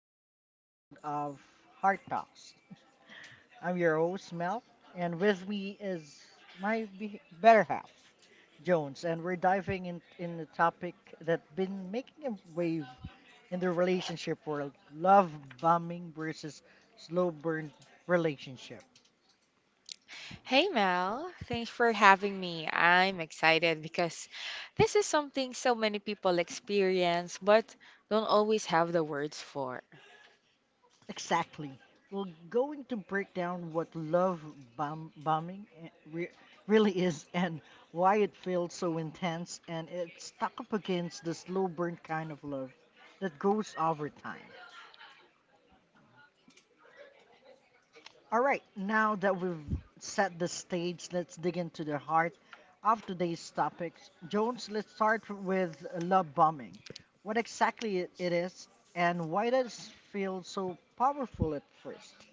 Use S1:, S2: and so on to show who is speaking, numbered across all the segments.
S1: to the episode of Heart Talks. I'm your host Mel, and with me is my better half, Jones, and we're diving in a topic that's been making a wave in the relationship world: love bombing versus slow burn relationship.
S2: Hey Mel, thanks for having me. I'm excited because this is something so many people experience but don't always have the words for.
S1: Exactly. We're going to break down what love bombing really is and why it feels so intense and it's stuck up against the slow burn kind of love that goes over time. All right, now that we've set the stage, let's dig into the heart of today's topics. Jones, let's start with love bombing. What exactly it is and why does it feel so powerful at first?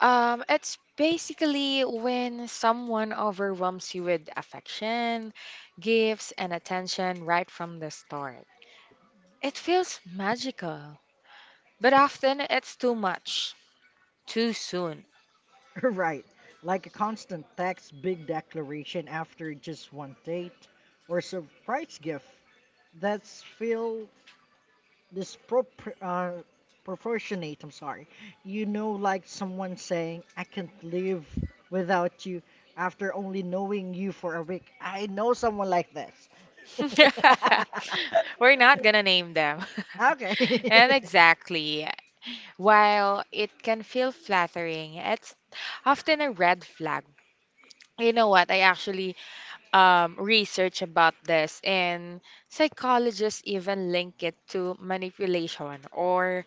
S2: It's basically when someone overwhelms you with affection, gifts, and attention right from the start. It feels magical, but often it's too much, too soon.
S1: Right. Like a constant text, big declaration after just one date, or surprise gift that's feel dispropor proportionate, I'm sorry. You know, like someone saying, I can't live without you after only knowing you for a week. I know someone like this.
S2: We're not gonna name them.
S1: Okay.
S2: And exactly. While it can feel flattering, it's often a red flag. You know what? I actually researched about this, and psychologists even link it to manipulation or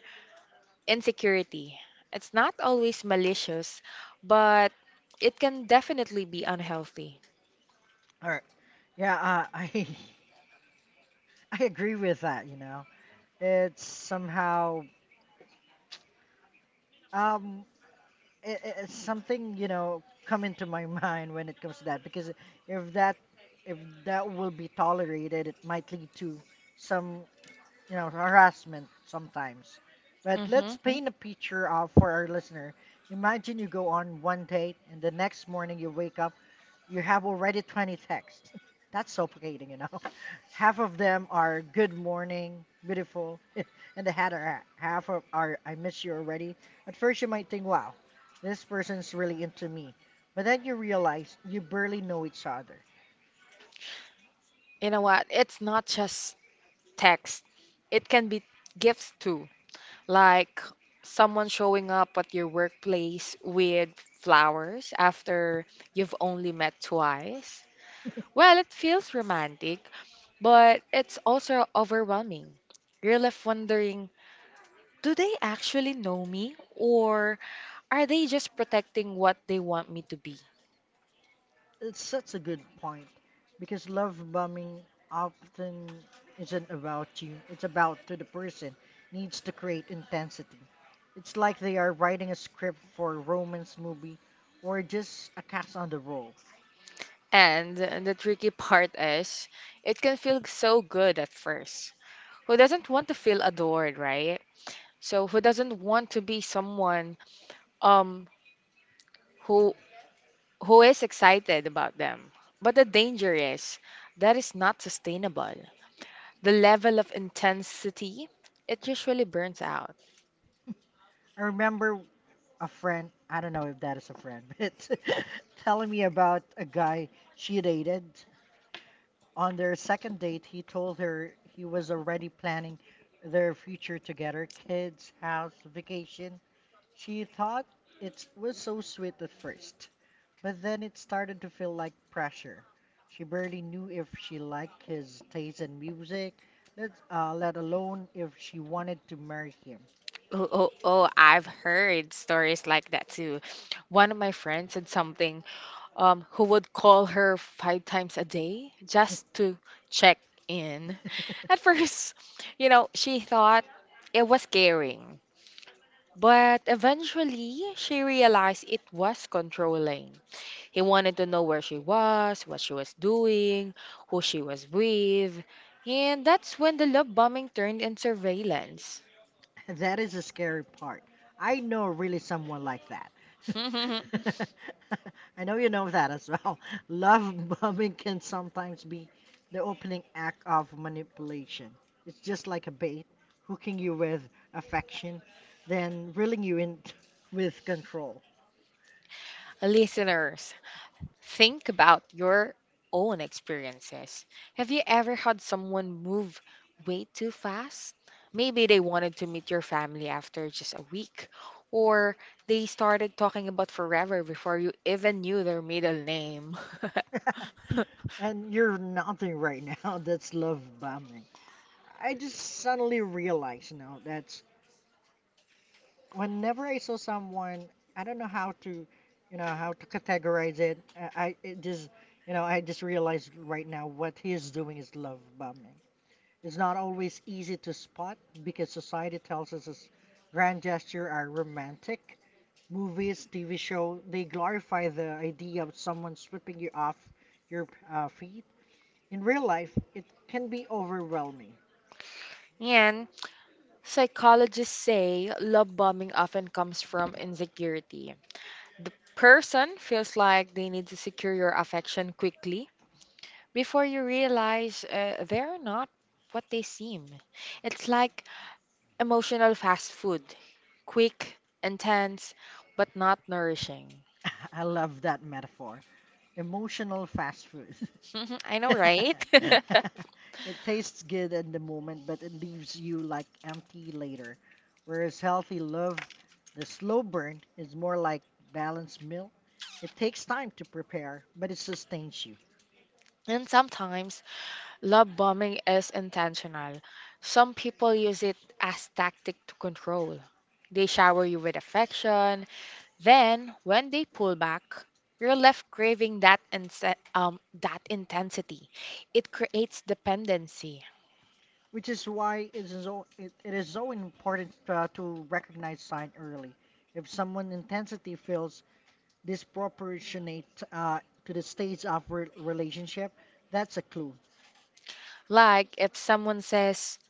S2: insecurity. It's not always malicious, but it can definitely be unhealthy.
S1: All right. Yeah, I I agree with that, you know. It's somehow Um, it's something, you know, come into my mind when it comes to that because if that if that will be tolerated, it might lead to some, you know, harassment sometimes. But
S2: Hmm.
S1: let's paint a picture of for our listener. Imagine you go on one date and the next morning you wake up you have already 20 texts. That's suffocating, you know. Half of them are good morning, beautiful, and the other half of are I miss you already. At first, you might think, wow, this person's really into me. But then you realize you barely know each other.
S2: You know what? It's not just text, it can be gifts too. Like someone showing up at your workplace with flowers after you've only met twice. Well, it feels romantic, but it's also overwhelming. You're left wondering, do they actually know me, or are they just protecting what they want me to be?
S1: It's such a good point because love bombing often isn't about you, it's about to the person needs to create intensity. It's like they are writing a script for a romance movie or just a cast on the role.
S2: And the tricky part is, it can feel so good at first. Who doesn't want to feel adored, right? So who doesn't want to be someone um who who is excited about them. But the danger is that is not sustainable. The level of intensity, it usually burns out.
S1: I remember a friend, I don't know if that is a friend, but telling me about a guy she dated. On their second date, he told her he was already planning their future together, kids, house, vacation. She thought it was so sweet at first, but then it started to feel like pressure. She barely knew if she liked his taste in music, let alone if she wanted to marry him.
S2: Oh, oh, oh, I've heard stories like that too. One of my friends said something who would call her 5 times a day just to check in. At first, you know, she thought it was caring. But eventually, she realized it was controlling. He wanted to know where she was, what she was doing, who she was with, and that's when the love bombing turned in surveillance.
S1: That is the scary part. I know really someone like that. I know you know that as well. Love bombing can sometimes be the opening act of manipulation. It's just like a bait, hooking you with affection, then reeling you in with control.
S2: Listeners, think about your own experiences. Have you ever had someone move way too fast? Maybe they wanted to meet your family after just a week, or they started talking about forever before you even knew their middle name.
S1: And you're nothing right now. That's love bombing. I just suddenly realized, you know, that's whenever I saw someone, I don't know how to, you know, how to categorize it. I it just, you know, I just realized right now what he is doing is love bombing. It's not always easy to spot because society tells us this grand gesture are romantic. Movies, TV show, they glorify the idea of someone sweeping you off your feet. In real life, it can be overwhelming.
S2: And. Psychologists say love bombing often comes from insecurity. The person feels like they need to secure your affection quickly before you realize they're not what they seem. It's like emotional fast food, quick, intense, but not nourishing.
S1: I love that metaphor. Emotional fast food.
S2: I know, right?
S1: It tastes good in the moment, but it leaves you like empty later. Whereas healthy love, the slow burn, is more like balanced meal. It takes time to prepare, but it sustains you,
S2: And sometimes love bombing is intentional. Some people use it as tactic to control. They shower you with affection. Then, when they pull back, you're left craving that intensity. It creates dependency.
S1: which is why it is it is so important to recognize sign early. If someone intensity feels disproportionate to the stage of relationship, that's a clue.
S2: Like if someone says,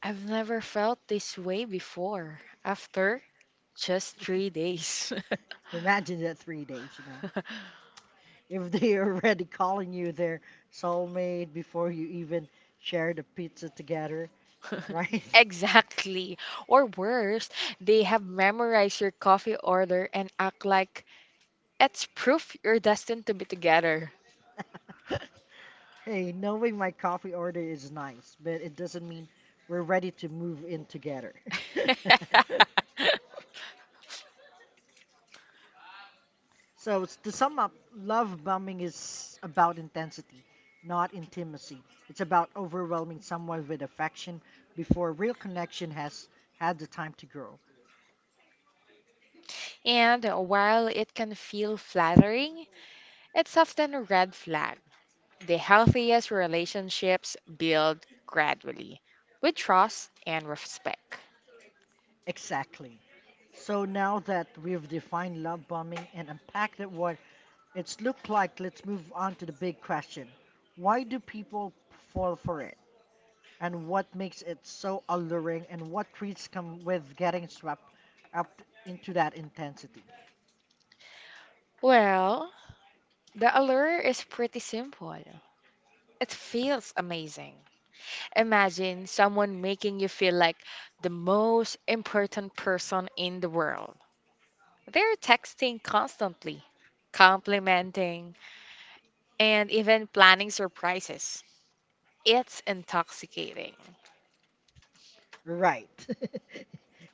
S2: "I've never felt this way before," after just 3 days.
S1: Imagine that 3 days, you know. If they're already calling you their soulmate before you even share the pizza together, right?
S2: Exactly. Or worse, they have memorized your coffee order and act like it's proof you're destined to be together.
S1: Hey, knowing my coffee order is nice, but it doesn't mean we're ready to move in together. So, to sum up, love bombing is about intensity, not intimacy. It's about overwhelming someone with affection before real connection has had the time to grow.
S2: And while it can feel flattering, it's often a red flag. The healthiest relationships build gradually with trust and respect.
S1: Exactly. So now that we've defined love bombing and unpacked that what it's looked like, let's move on to the big question. Why do people fall for it? And what makes it so alluring and what treats come with getting swept up into that intensity?
S2: Well, the allure is pretty simple. It feels amazing. Imagine someone making you feel like the most important person in the world. They're texting constantly, complimenting, and even planning surprises. It's intoxicating.
S1: Right.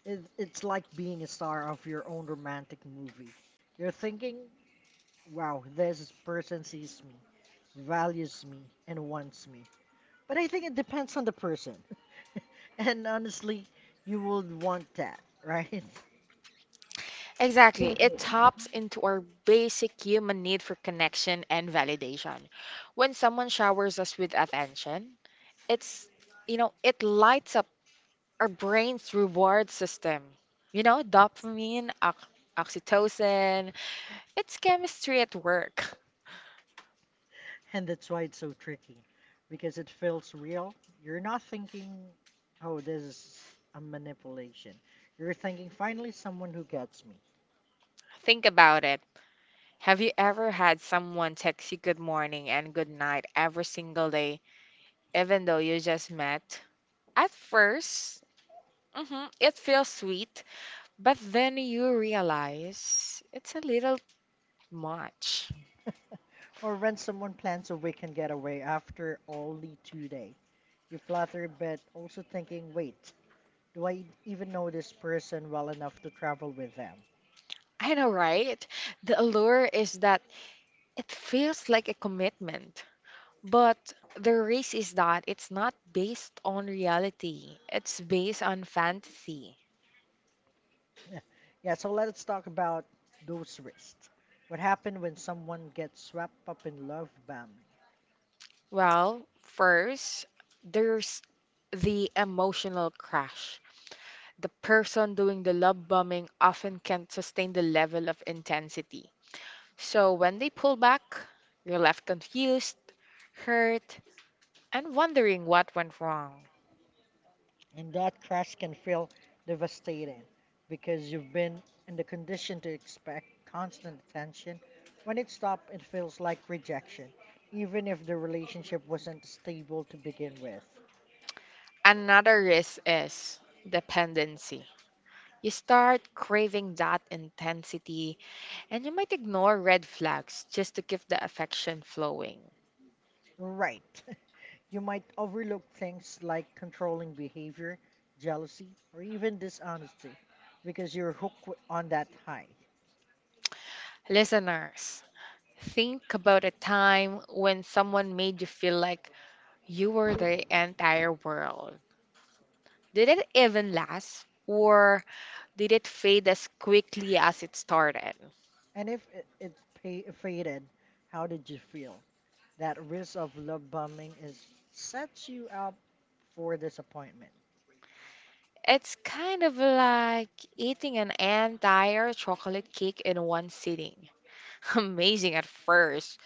S1: It's like being a star of your own romantic movie. You're thinking, wow, this person sees me, values me, and wants me. But I think it depends on the person. And honestly, you would want that, right?
S2: Exactly. It taps into our basic human need for connection and validation. When someone showers us with attention, it's, you know, it lights up our brain's reward system. You know, dopamine, oxytocin, it's chemistry at work.
S1: And that's why it's so tricky because it feels real. You're not thinking, oh, this is a manipulation. You're thinking, finally, someone who gets me.
S2: Think about it. Have you ever had someone text you good morning and good night every single day, even though you just met? At first it feels sweet. But then you realize it's a little much.
S1: Or when someone plans a weekend getaway after only 2 days. You flutter, but also thinking, wait, do I even know this person well enough to travel with them?
S2: I know, right? The allure is that it feels like a commitment. But the risk is that it's not based on reality, it's based on fantasy.
S1: Yeah. Yeah, so let's talk about those risks. What happens when someone gets swept up in love bombing?
S2: Well, first, there's the emotional crash. The person doing the love bombing often can't sustain the level of intensity. So when they pull back, you're left confused, hurt, and wondering what went wrong.
S1: And that crash can feel devastating because you've been in the condition to expect constant attention. When it stops, it feels like rejection, even if the relationship wasn't stable to begin with.
S2: Another risk is dependency. You start craving that intensity, and you might ignore red flags just to keep the affection flowing.
S1: Right. You might overlook things like controlling behavior, jealousy, or even dishonesty because you're hooked on that high.
S2: Listeners, think about a time when someone made you feel like you were the entire world. Did it even last? Or did it fade as quickly as it started?
S1: And if it, it's pa faded, how did you feel? That risk of love bombing is sets you up for disappointment.
S2: It's kind of like eating an entire chocolate cake in one sitting. Amazing at first,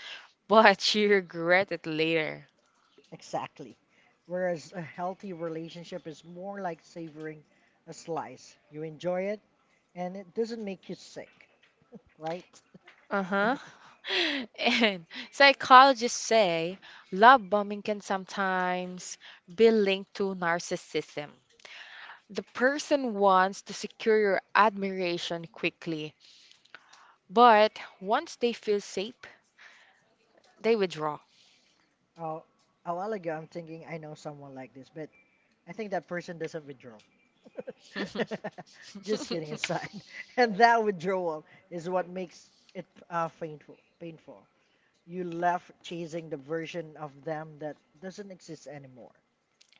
S2: but you regret it later.
S1: Exactly. Whereas a healthy relationship is more like savoring a slice. You enjoy it and it doesn't make you sick, right?
S2: Uh-huh. And psychologists say love bombing can sometimes be linked to narcissism. The person wants to secure your admiration quickly, but once they feel safe, they withdraw.
S1: Uh, a while ago, I'm thinking I know someone like this, but I think that person doesn't withdraw. Just kidding aside. And that withdrawal is what makes it painful. Painful. You left chasing the version of them that doesn't exist anymore.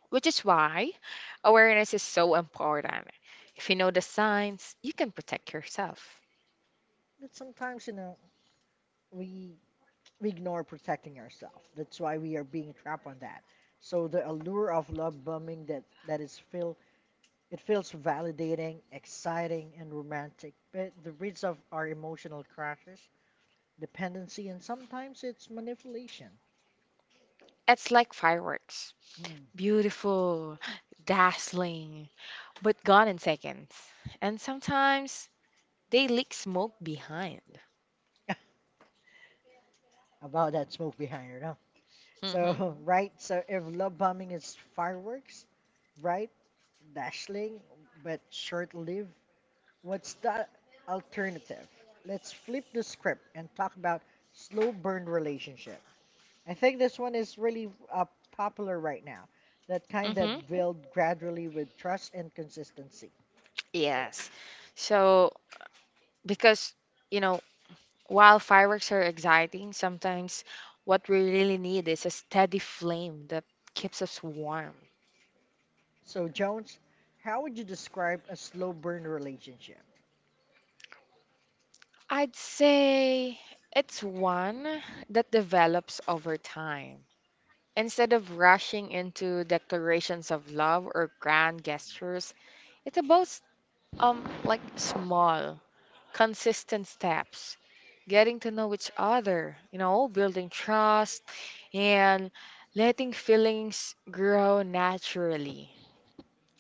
S2: Which is why awareness is so important. If you know the signs, you can protect yourself.
S1: But sometimes, you know, we we ignore protecting ourselves. That's why we are being trapped on that. So the allure of love bombing that that is feel it feels validating, exciting, and romantic. But the risks of our emotional crashes, dependency, and sometimes it's manipulation.
S2: It's like fireworks,
S1: Mm.
S2: beautiful, dazzling, but gone in seconds. And sometimes they leak smoke behind.
S1: About that smoke behind her, no?
S2: Mm-hmm.
S1: So right, so if love bombing is fireworks, right? Dashing, but short lived. What's the alternative? Let's flip the script and talk about slow burn relationship. I think this one is really popular right now. That kind
S2: Mm-hmm.
S1: that build gradually with trust and consistency.
S2: Yes. So, because, you know, while fireworks are exciting, sometimes what we really need is a steady flame that keeps us warm.
S1: So, Jones, how would you describe a slow burn relationship?
S2: I'd say it's one that develops over time. Instead of rushing into declarations of love or grand gestures, it's about like small, consistent steps, getting to know each other, you know, building trust and letting feelings grow naturally.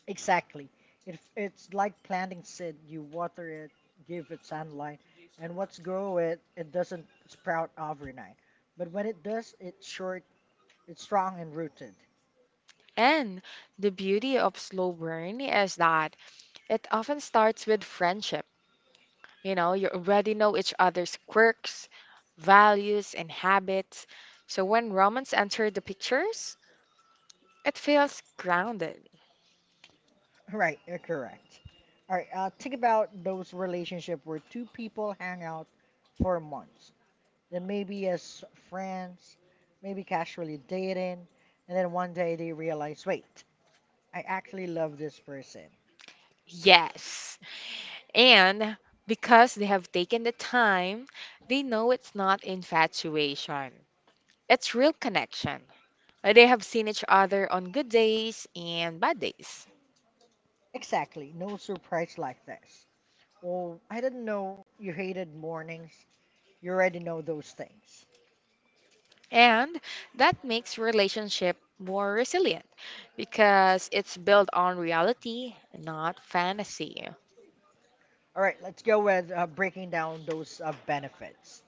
S1: Exactly. It's like planting seed. You water it, give it sunlight, and what's grow it, it doesn't sprout overnight. But when it does, it's short, it's strong and rooted.
S2: And the beauty of slow burn is that it often starts with friendship. You know, you already know each other's quirks, values, and habits. So when romance enters the pictures, it feels grounded.
S1: Right, you're correct. All right, think about those relationship where two people hang out for months. Then maybe as friends, maybe casually dating, and then one day they realize, wait, I actually love this person.
S2: Yes. And because they have taken the time, they know it's not infatuation. It's real connection. Like, they have seen each other on good days and bad days.
S1: Exactly, no surprise like this. Well, I didn't know you hated mornings. You already know those things.
S2: And that makes relationship more resilient because it's built on reality, not fantasy.
S1: All right, let's go with breaking down those benefits.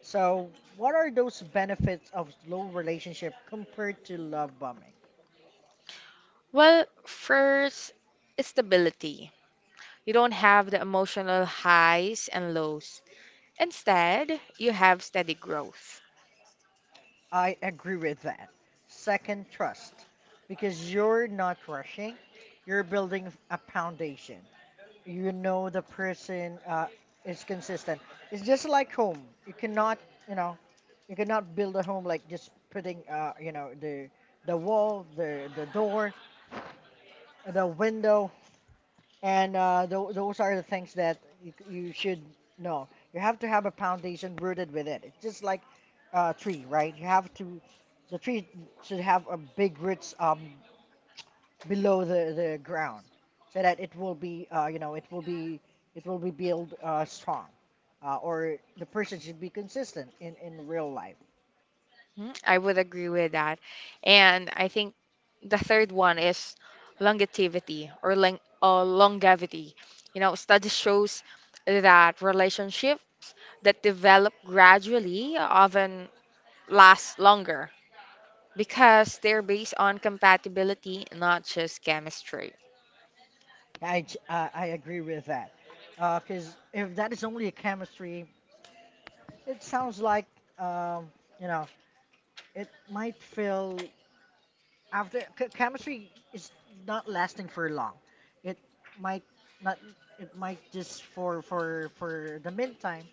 S1: So, what are those benefits of slow relationship compared to love bombing?
S2: Well, first, stability. You don't have the emotional highs and lows. Instead, you have steady growth.
S1: I agree with that. Second, trust, because you're not rushing, you're building a foundation. You know the person is consistent. It's just like home. You cannot, you know, you cannot build a home like just putting, you know, the wall, the door, the window, and those are the things that you should know. You have to have a foundation rooted with it. It's just like a tree, right? You have to, the tree should have a big roots below the ground so that it will be you know it will be built strong or the person should be consistent in real life.
S2: Mm, I would agree with that. And I think the third one is longevity or long or longevity. You know, study shows that relationships that develop gradually often last longer because they're based on compatibility, not just chemistry.
S1: I agree with that because if that is only a chemistry it sounds like um, you know it might feel after chemistry is not lasting for long. It might not. It might just for the meantime,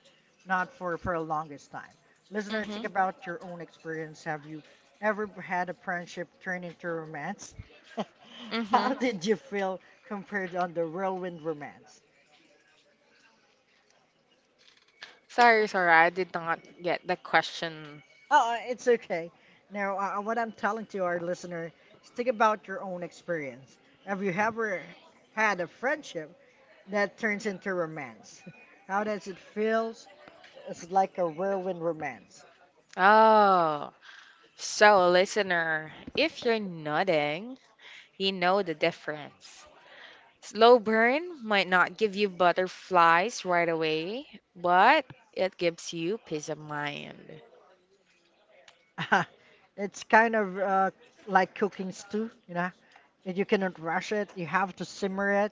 S1: not for a longest time. Listener,
S2: Mm-hmm.
S1: think about your own experience. Have you ever had a friendship turn into romance? How
S2: Mm-hmm.
S1: did you feel compared on the whirlwind romance?
S2: Sorry, sorry, I did not get the question.
S1: Oh, it's okay. Now, what I'm telling to our listener is think about your own experience. Have you ever had a friendship that turns into romance. How does it feel? It's like a whirlwind romance.
S2: Oh, so listener, if you're nodding, you know the difference. Slow burn might not give you butterflies right away, but it gives you peace of mind.
S1: It's kind of like cooking stew, you know. And you cannot rush it. You have to simmer it,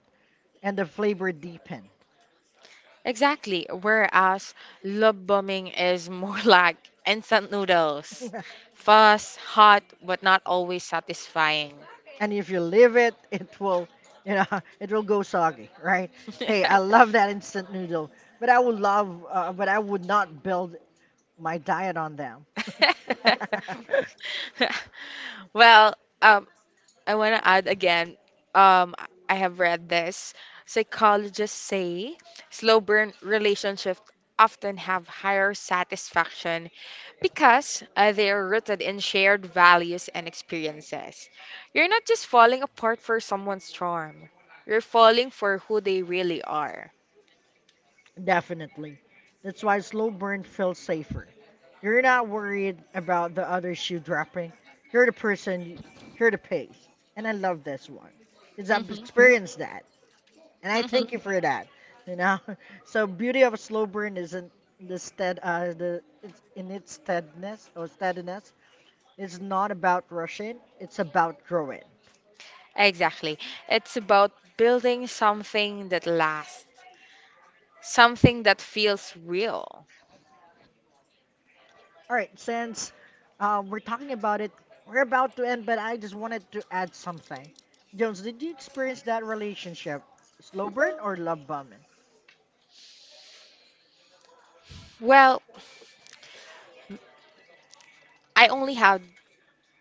S1: and the flavor deepen.
S2: Exactly, whereas love bombing is more like instant noodles. Fast, hot, but not always satisfying.
S1: And if you leave it, it will, you know, it will go soggy, right? Hey, I love that instant noodle, but I would love, but I would not build my diet on them.
S2: Well, um, I want to add again. Um, I have read this. Psychologists say slow burn relationships often have higher satisfaction because they are rooted in shared values and experiences. You're not just falling apart for someone's charm, you're falling for who they really are.
S1: Definitely. That's why slow burn feels safer. You're not worried about the other shoe dropping. You're the person, you- you're the pace. And I love this one because I've
S2: Hmm.
S1: experienced that. And I thank you for that. You know, so beauty of a slow burn isn't the it's in its steadiness or steadiness. It's not about rushing. It's about growing.
S2: Exactly. It's about building something that lasts. Something that feels real.
S1: All right, since we're talking about it, we're about to end, but I just wanted to add something. Jones, did you experience that relationship? Slow burn or love bombing?
S2: Well, I only have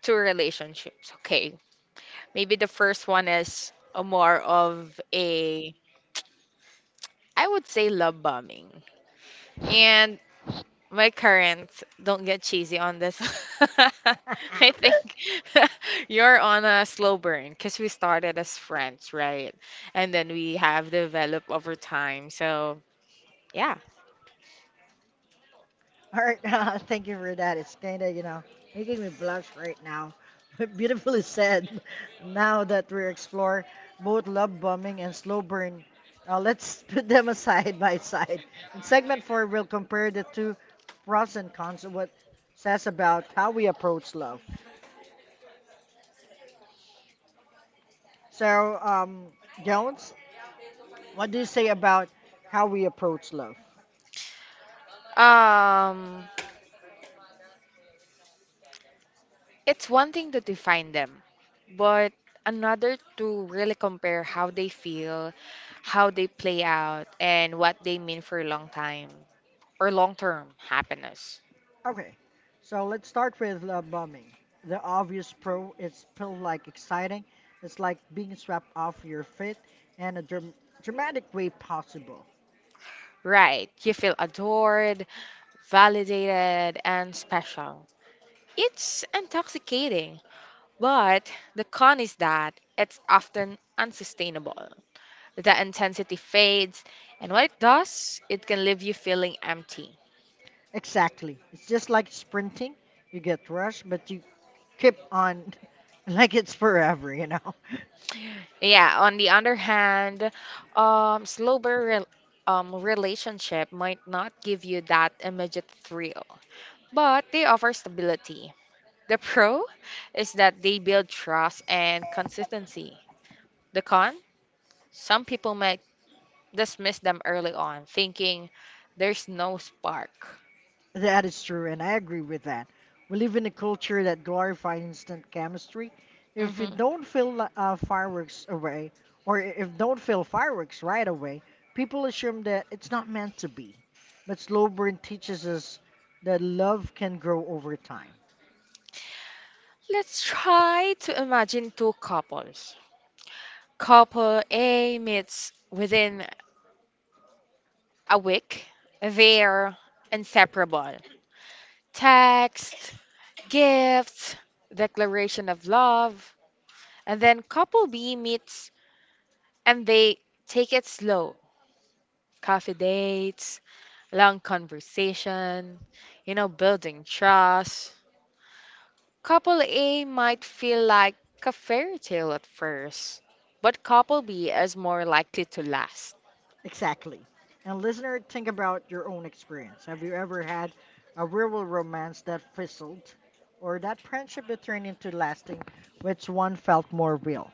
S2: two relationships. Okay. Maybe the first one is a more of a, I would say, love bombing. And my current, don't get cheesy on this. I think
S1: All
S2: you're on a slow burn because we started as friends, right? And then we have developed over time. So, yeah.
S1: right, thank you for that. It's kind of, making me blush right now. But beautifully said. Now that we explore both love bombing and slow burn, let's put them aside by side. In segment four, we'll compare the two pros and cons of what says about how we approach love. So, Jones, what do you say about how we approach love?
S2: Um, It's one thing to define them, but another to really compare how they feel, how they play out, and what they mean for long time or long term happiness.
S1: Okay, so let's start with love bombing. The obvious pro, it's feel like exciting. It's like being swept off your feet in a dramatic way possible.
S2: Right, you feel adored, validated, and special. It's intoxicating, but the con is that it's often unsustainable. The intensity fades, and when it does, it can leave you feeling empty.
S1: Exactly. It's just like sprinting. You get rushed, but you keep on like it's forever, you know?
S2: Yeah, on the other hand, slow rel relationship might not give you that immediate thrill, but they offer stability. The pro is that they build trust and consistency. The con, some people might dismiss them early on, thinking there's no spark.
S1: That is true, and I agree with that. We live in a culture that glorifies instant chemistry. If you
S2: Hmm.
S1: don't feel fireworks away, or if don't feel fireworks right away, people assume that it's not meant to be. But slow burn teaches us that love can grow over time.
S2: Let's try to imagine two couples. Couple A meets within a week, they're inseparable. Text, gifts, declaration of love, and then couple B meets and they take it slow. Coffee dates, long conversation, you know, building trust. Couple A might feel like a fairy tale at first, but couple B is more likely to last.
S1: Exactly. And listener, think about your own experience. Have you ever had a real romance that fizzled, or that friendship that turned into lasting? Which one felt more real?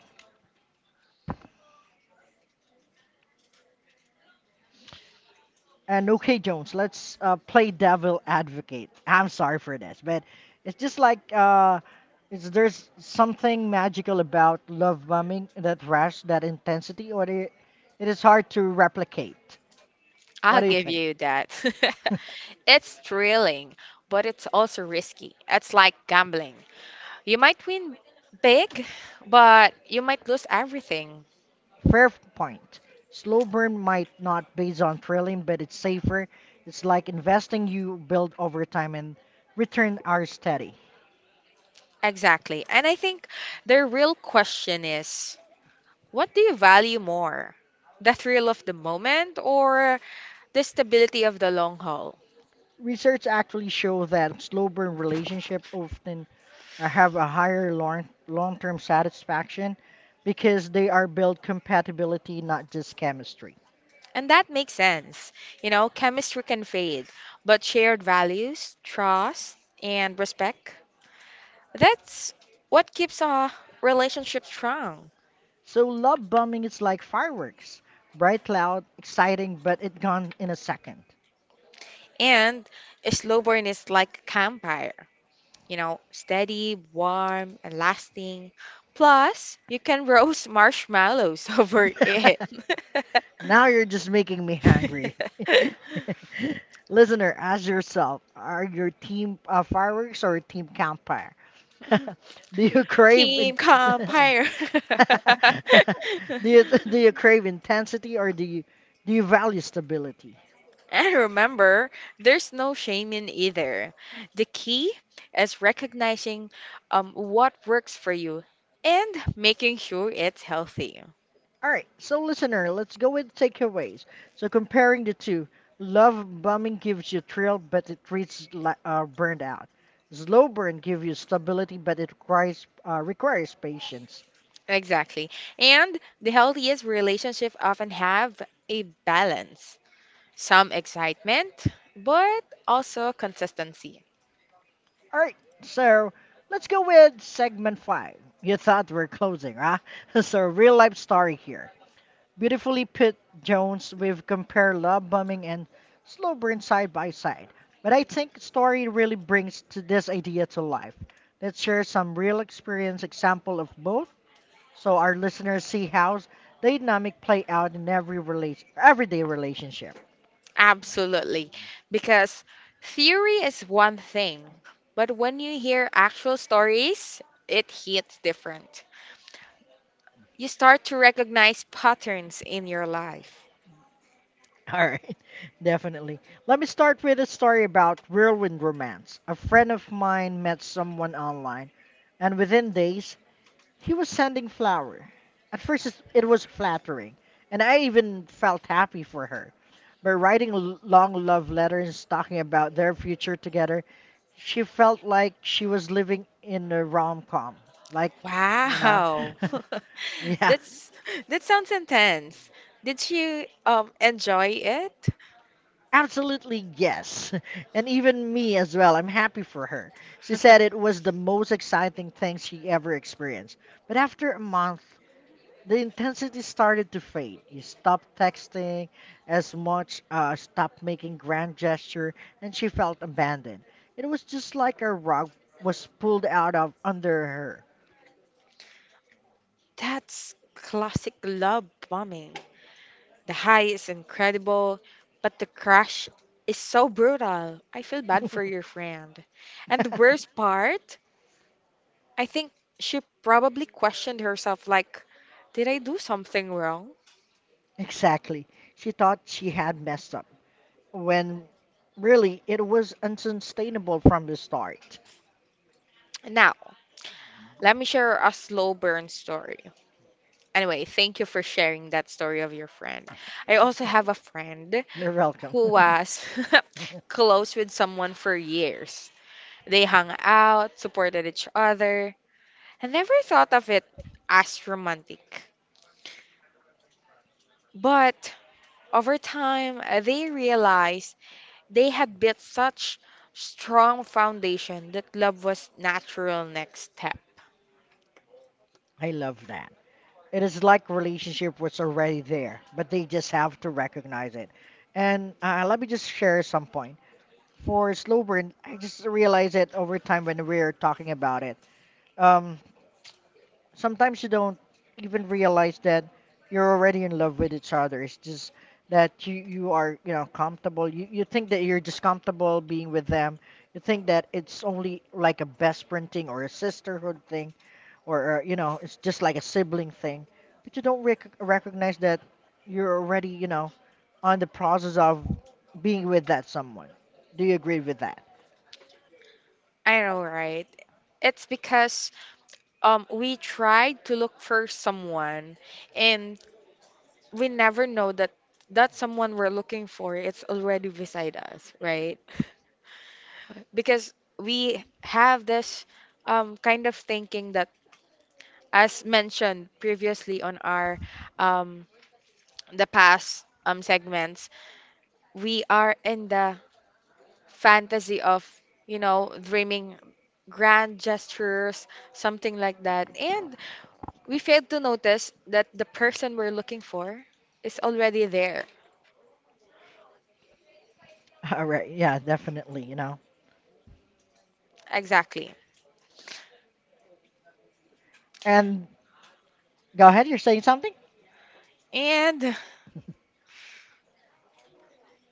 S1: And okay, Jones, let's play devil advocate. I'm sorry for this, but it's just like, there's something magical about love bombing, that rush, that intensity, or the, it is hard to replicate.
S2: I'll
S1: What do you
S2: give
S1: think?
S2: you that. It's thrilling, but it's also risky. It's like gambling. You might win big, but you might lose everything.
S1: Fair point. Slow burn might not based on thrilling, but it's safer. It's like investing you build over time and return are steady.
S2: Exactly. And I think the real question is, what do you value more? The thrill of the moment or the stability of the long haul?
S1: Research actually shows that slow burn relationships often have a higher long-term satisfaction because they are built compatibility, not just chemistry.
S2: And that makes sense. You know, chemistry can fade, but shared values, trust, and respect, that's what keeps a relationship strong.
S1: So love bombing is like fireworks, bright, loud, exciting, but it gone in a second.
S2: And slow burn is like a campfire, you know, steady, warm, and lasting. Plus, you can roast marshmallows over it.
S1: Now you're just making me hungry. Listener, ask yourself: are your team fireworks or team campfire? Do you crave?
S2: Team campfire.
S1: Do you crave intensity or do you value stability?
S2: And remember, there's no shame in either. The key is recognizing what works for you and making sure it's healthy.
S1: All right, so listener, let's go with takeaways. So comparing the two, love bombing gives you thrill, but it treats burned out. Slow burn gives you stability, but it requires requires patience.
S2: Exactly. And the healthiest relationships often have a balance, some excitement, but also consistency.
S1: All right, so let's go with segment five. You thought we're closing, huh? So real life story here. Beautifully put, Jones. We've compared love bombing and slow burn side by side. But I think story really brings to this idea to life. Let's share some real experience example of both so our listeners see how the dynamic play out in everyday relationship.
S2: Absolutely. Because theory is one thing, but when you hear actual stories, it hits different. You start to recognize patterns in your life.
S1: All right, definitely. Let me start with a story about whirlwind romance. A friend of mine met someone online, and within days he was sending flower. At first, it was flattering, and I even felt happy for her. By writing long love letters talking about their future together, she felt like she was living in a rom com. Like, you know,
S2: Wow.
S1: yeah.
S2: That's that sounds intense. Did you enjoy it?
S1: Absolutely, yes. And even me as well. I'm happy for her. She said it was the most exciting thing she ever experienced. But after a month, the intensity started to fade. You stopped texting as much, stopped making grand gesture, and she felt abandoned. It was just like a rug was pulled out of under
S2: That's classic love bombing. The high is incredible, but the crash is so brutal. I feel bad
S1: her.
S2: for your friend. And the worst part, I think she probably questioned herself like, did I do something wrong?
S1: Exactly. She thought she had messed up, when really it was unsustainable from the start.
S2: Now, let me share a slow burn story. Anyway, thank you for sharing that story of your friend. I also have a friend
S1: You're welcome.
S2: who was close with someone for years. They hung out, supported each other, I never thought of it as romantic, but over time they realized they had built such strong foundation that love was natural next step.
S1: I love that. It is like relationship was already there, but they just have to recognize it. And let me just share some point. For slow burn, I just realize it over time when we're talking about it. Um, Sometimes you don't even realize that you're already in love with each other. It's just that you are, comfortable. You think that you're just comfortable being with them. You think that it's only like a best friend thing or a sisterhood thing or, it's just like a sibling thing. But you don't recognize that you're already, on the process of being with that someone. Do you agree with that?
S2: I know, right? It's because we tried to look for someone and we never know that that someone we're looking for it's already beside us, right? Because we have this kind of thinking that as mentioned previously on our um, the past segments, we are in the fantasy of dreaming grand gestures, something like that, and we fail to notice that the person we're looking for is already there.
S1: All right. Yeah, definitely,
S2: Exactly.
S1: And go ahead, you're saying something?
S2: And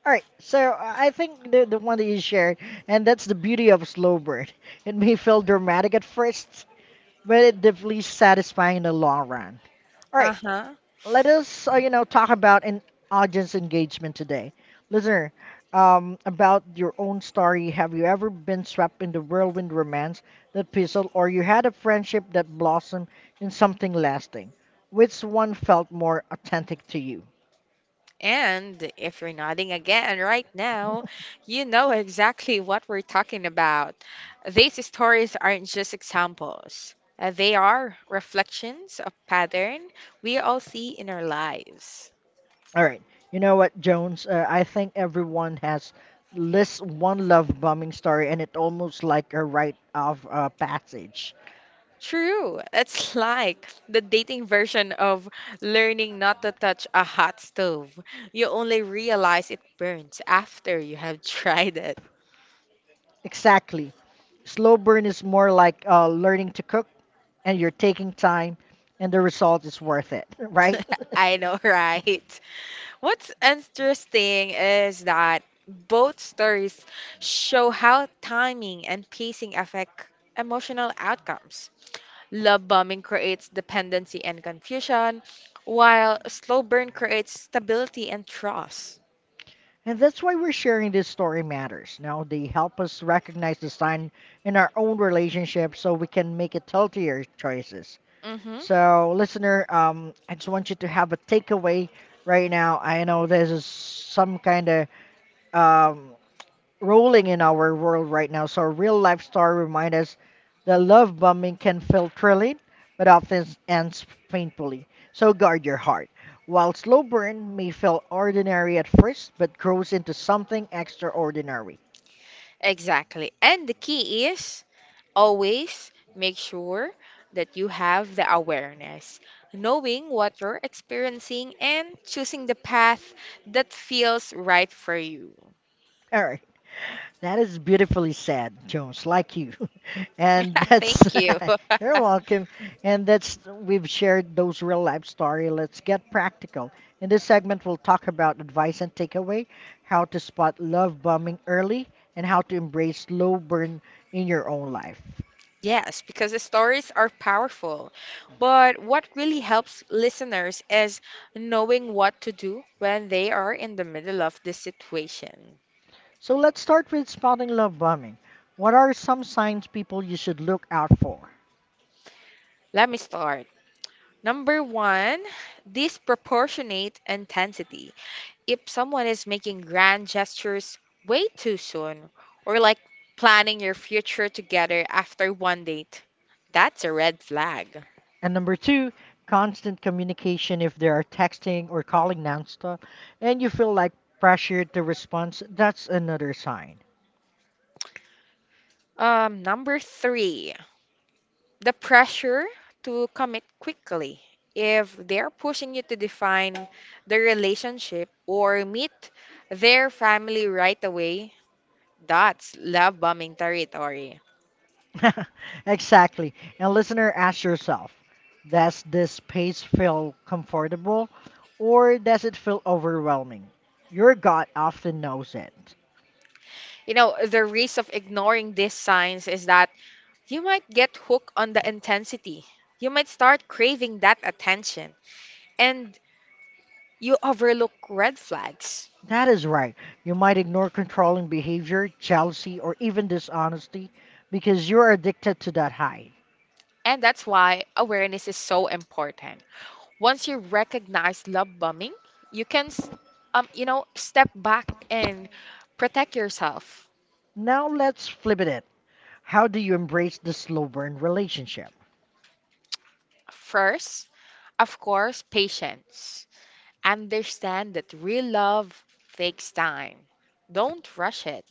S1: All right. So I think the one that you shared, and that's the beauty of slow bird. It may feel dramatic at first, but it definitely satisfying in the long run. All
S2: uh
S1: right.
S2: huh.
S1: Let us talk about an audience engagement today, listener, about your own story. Have you ever been swept in the whirlwind romance that fizzled, or you had a friendship that blossomed in something lasting? Which one felt more authentic to you?
S2: And if you're nodding again right now, you know exactly what we're talking about. These stories aren't just examples, they are reflections of pattern we all see in our lives.
S1: All right, you know what, Jones, I think everyone has list one love bombing story, and it almost like a rite of passage.
S2: True, it's like the dating version of learning not to touch a hot stove. You only realize it burns after you have tried it.
S1: Exactly. Slow burn is more like learning to cook, and you're taking time, and the result is worth it, right?
S2: I know, right? What's interesting is that both stories show how timing and pacing affect emotional outcomes. Love bombing creates dependency and confusion, while slow burn creates stability and trust.
S1: And that's why we're sharing this story matters. Now, they help us recognize the sign in our own relationship so we can make it healthier choices.
S2: Hmm.
S1: So, listener, I just want you to have a takeaway right now. I know this is some kind of um, rolling in our world right now. So, a real life story reminds us that love bombing can feel thrilling, but often ends painfully. So, guard your heart. While slow burn may feel ordinary at first, but grows into something extraordinary.
S2: Exactly. And the key is always make sure that you have the awareness, knowing what you're experiencing and choosing the path that feels right for you.
S1: All right. That is beautifully said, Jones, like you. And that's,
S2: Thank you.
S1: you're welcome. And that's, we've shared those real life story. Let's get practical. In this segment, we'll talk about advice and takeaway, how to spot love bombing early, and how to embrace slow burn in your own life.
S2: Yes, because the stories are powerful. But what really helps listeners is knowing what to do when they are in the middle of this situation.
S1: So let's start with spotting love bombing. What are some signs people you should look out for?
S2: Let me start. Number one, disproportionate intensity. If someone is making grand gestures way too soon, or like planning your future together after one date, that's a red flag.
S1: And number two, constant communication, if they are texting or calling nonstop and you feel like pressured to respond, that's another sign.
S2: Number three, the pressure to commit quickly. If they're pushing you to define the relationship or meet their family right away, that's love bombing territory.
S1: Exactly. And listener, ask yourself, does this pace feel comfortable or does it feel overwhelming? Your gut often knows it.
S2: You know, the risk of ignoring these signs is that you might get hooked on the intensity. You might start craving that attention and you overlook red flags.
S1: That is right. You might ignore controlling behavior, jealousy, or even dishonesty because you're addicted to that high.
S2: And that's why awareness is so important. Once you recognize love bombing, you can, you know, step back and protect yourself.
S1: Now let's flip it. How do you embrace the slow burn relationship?
S2: First, of course, patience. Understand that real love takes time. Don't rush it.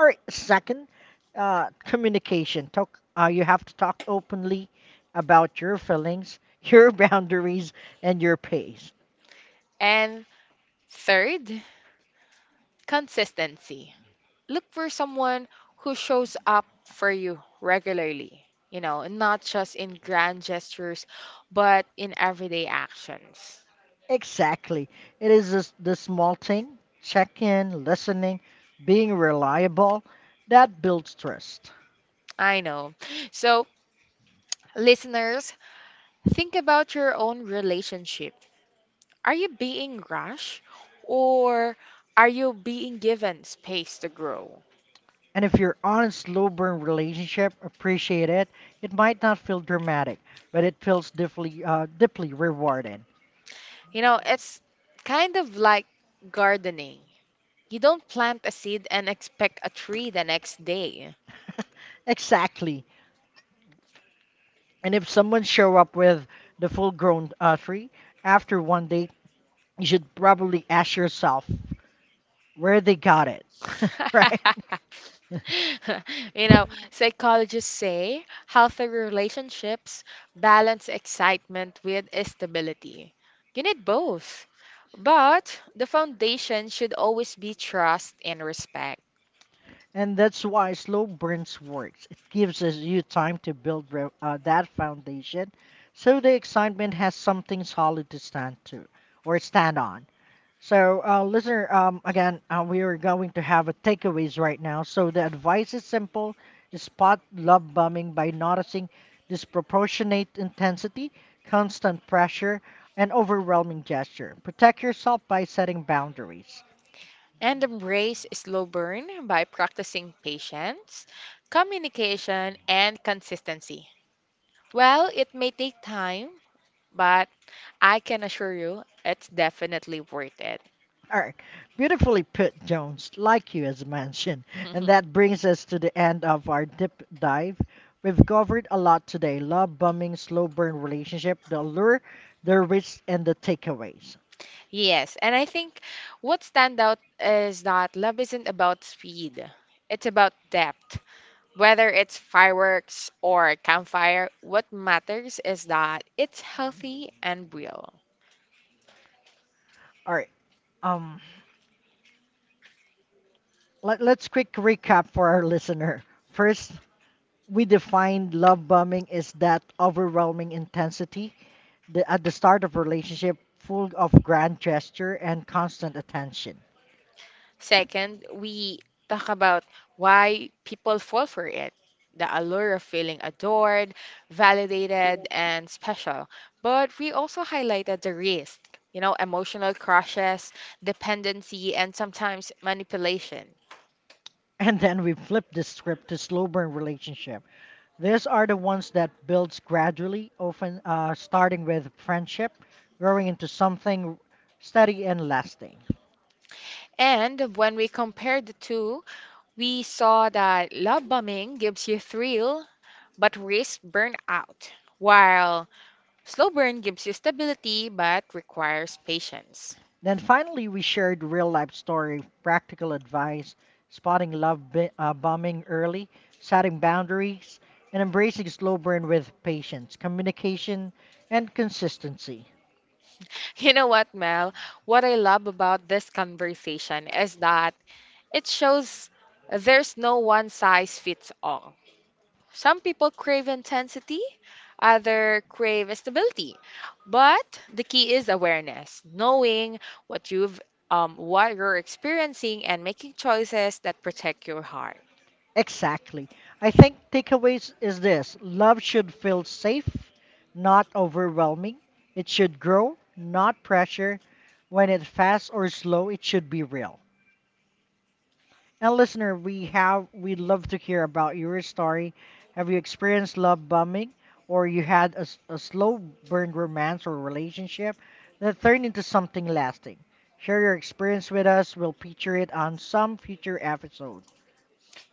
S1: All right, second, communication. Talk. You have to talk openly about your feelings, your boundaries, and your pace.
S2: And third, consistency. Look for someone who shows up for you regularly, you know, and not just in grand gestures, but in everyday actions.
S1: Exactly. It is this, the small thing, check in, listening, being reliable, that builds trust.
S2: I know. So, listeners, think about your own relationship. Are you being rushed or are you being given space to grow?
S1: And if you're on a slow burn relationship, appreciate it. It might not feel dramatic, but it feels deeply, deeply rewarding.
S2: You know, it's kind of like gardening. You don't plant a seed and expect a tree the next day.
S1: Exactly. And if someone show up with the full grown tree after one date, you should probably ask yourself where they got it, right?
S2: You know, psychologists say healthy relationships balance excitement with stability. You need both. But the foundation should always be trust and respect.
S1: And that's why slow burns works. It gives us you time to build that foundation, so the excitement has something solid to stand to or stand on. So, listener, again, we are going to have a takeaways right now. So the advice is simple: spot love bombing by noticing disproportionate intensity, constant pressure, and overwhelming gesture. Protect yourself by setting boundaries.
S2: And embrace slow burn by practicing patience, communication, and consistency. Well, it may take time, but I can assure you it's definitely worth it.
S1: All right, beautifully put, Jones, like you as mentioned. And that brings us to the end of our deep dive. We've covered a lot today: love bombing, slow burn relationship, the allure, the risks, and the takeaways.
S2: Yes, and I think what stand out is that love isn't about speed. It's about depth. Whether it's fireworks or campfire, what matters is that it's healthy and real.
S1: All right. Um, let's quick recap for our listener. First, we defined love bombing is that overwhelming intensity the, at the start of relationship full of grand gesture and constant attention.
S2: Second, we talk about why people fall for it. The allure of feeling adored, validated, and special. But we also highlighted the risk, you know, emotional crushes, dependency, and sometimes manipulation.
S1: And then we flip the script to slow burn relationship. These are the ones that builds gradually, often starting with friendship, growing into something steady and lasting.
S2: And when we compared the two, we saw that love bombing gives you thrill but risks burnout, while slow burn gives you stability but requires patience.
S1: Then finally, we shared real life story, practical advice, spotting bombing early, setting boundaries, and embracing slow burn with patience, communication, and consistency.
S2: You know what, Mel? What I love about this conversation is that it shows there's no one size fits all. Some people crave intensity, other crave stability. But the key is awareness, knowing what you've what you're experiencing and making choices that protect your heart.
S1: Exactly. I think takeaways is this love should feel safe, not overwhelming. It should grow, not pressure. When it's fast or slow, it should be real. And listener, we'd love to hear about your story. Have you experienced love bombing, or you had a slow burn romance or relationship that turned into something lasting? Share your experience with us. We'll feature it on some future episode.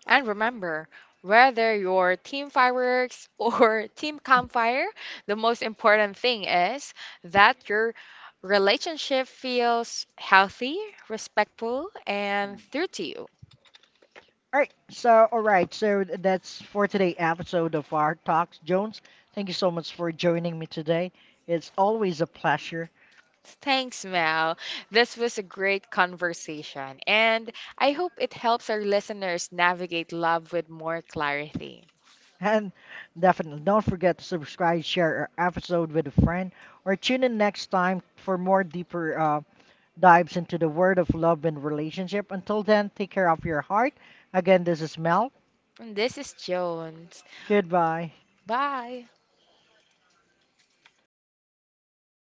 S2: And remember, whether you're team fireworks or team campfire, the most important thing is that your relationship feels healthy, respectful, and true to you.
S1: All right. So, all right. So that's for today episode of our talks. Jones, thank you so much for joining me today. It's always a pleasure.
S2: Thanks, Mel. This was a great conversation, and I hope it helps our listeners navigate love with more clarity.
S1: And definitely don't forget to subscribe, share our episode with a friend, or tune in next time for more deeper dives into the world of love and relationship. Until then, take care of your heart. Again, this is Mel.
S2: And this is Jones.
S1: Goodbye.
S2: Bye.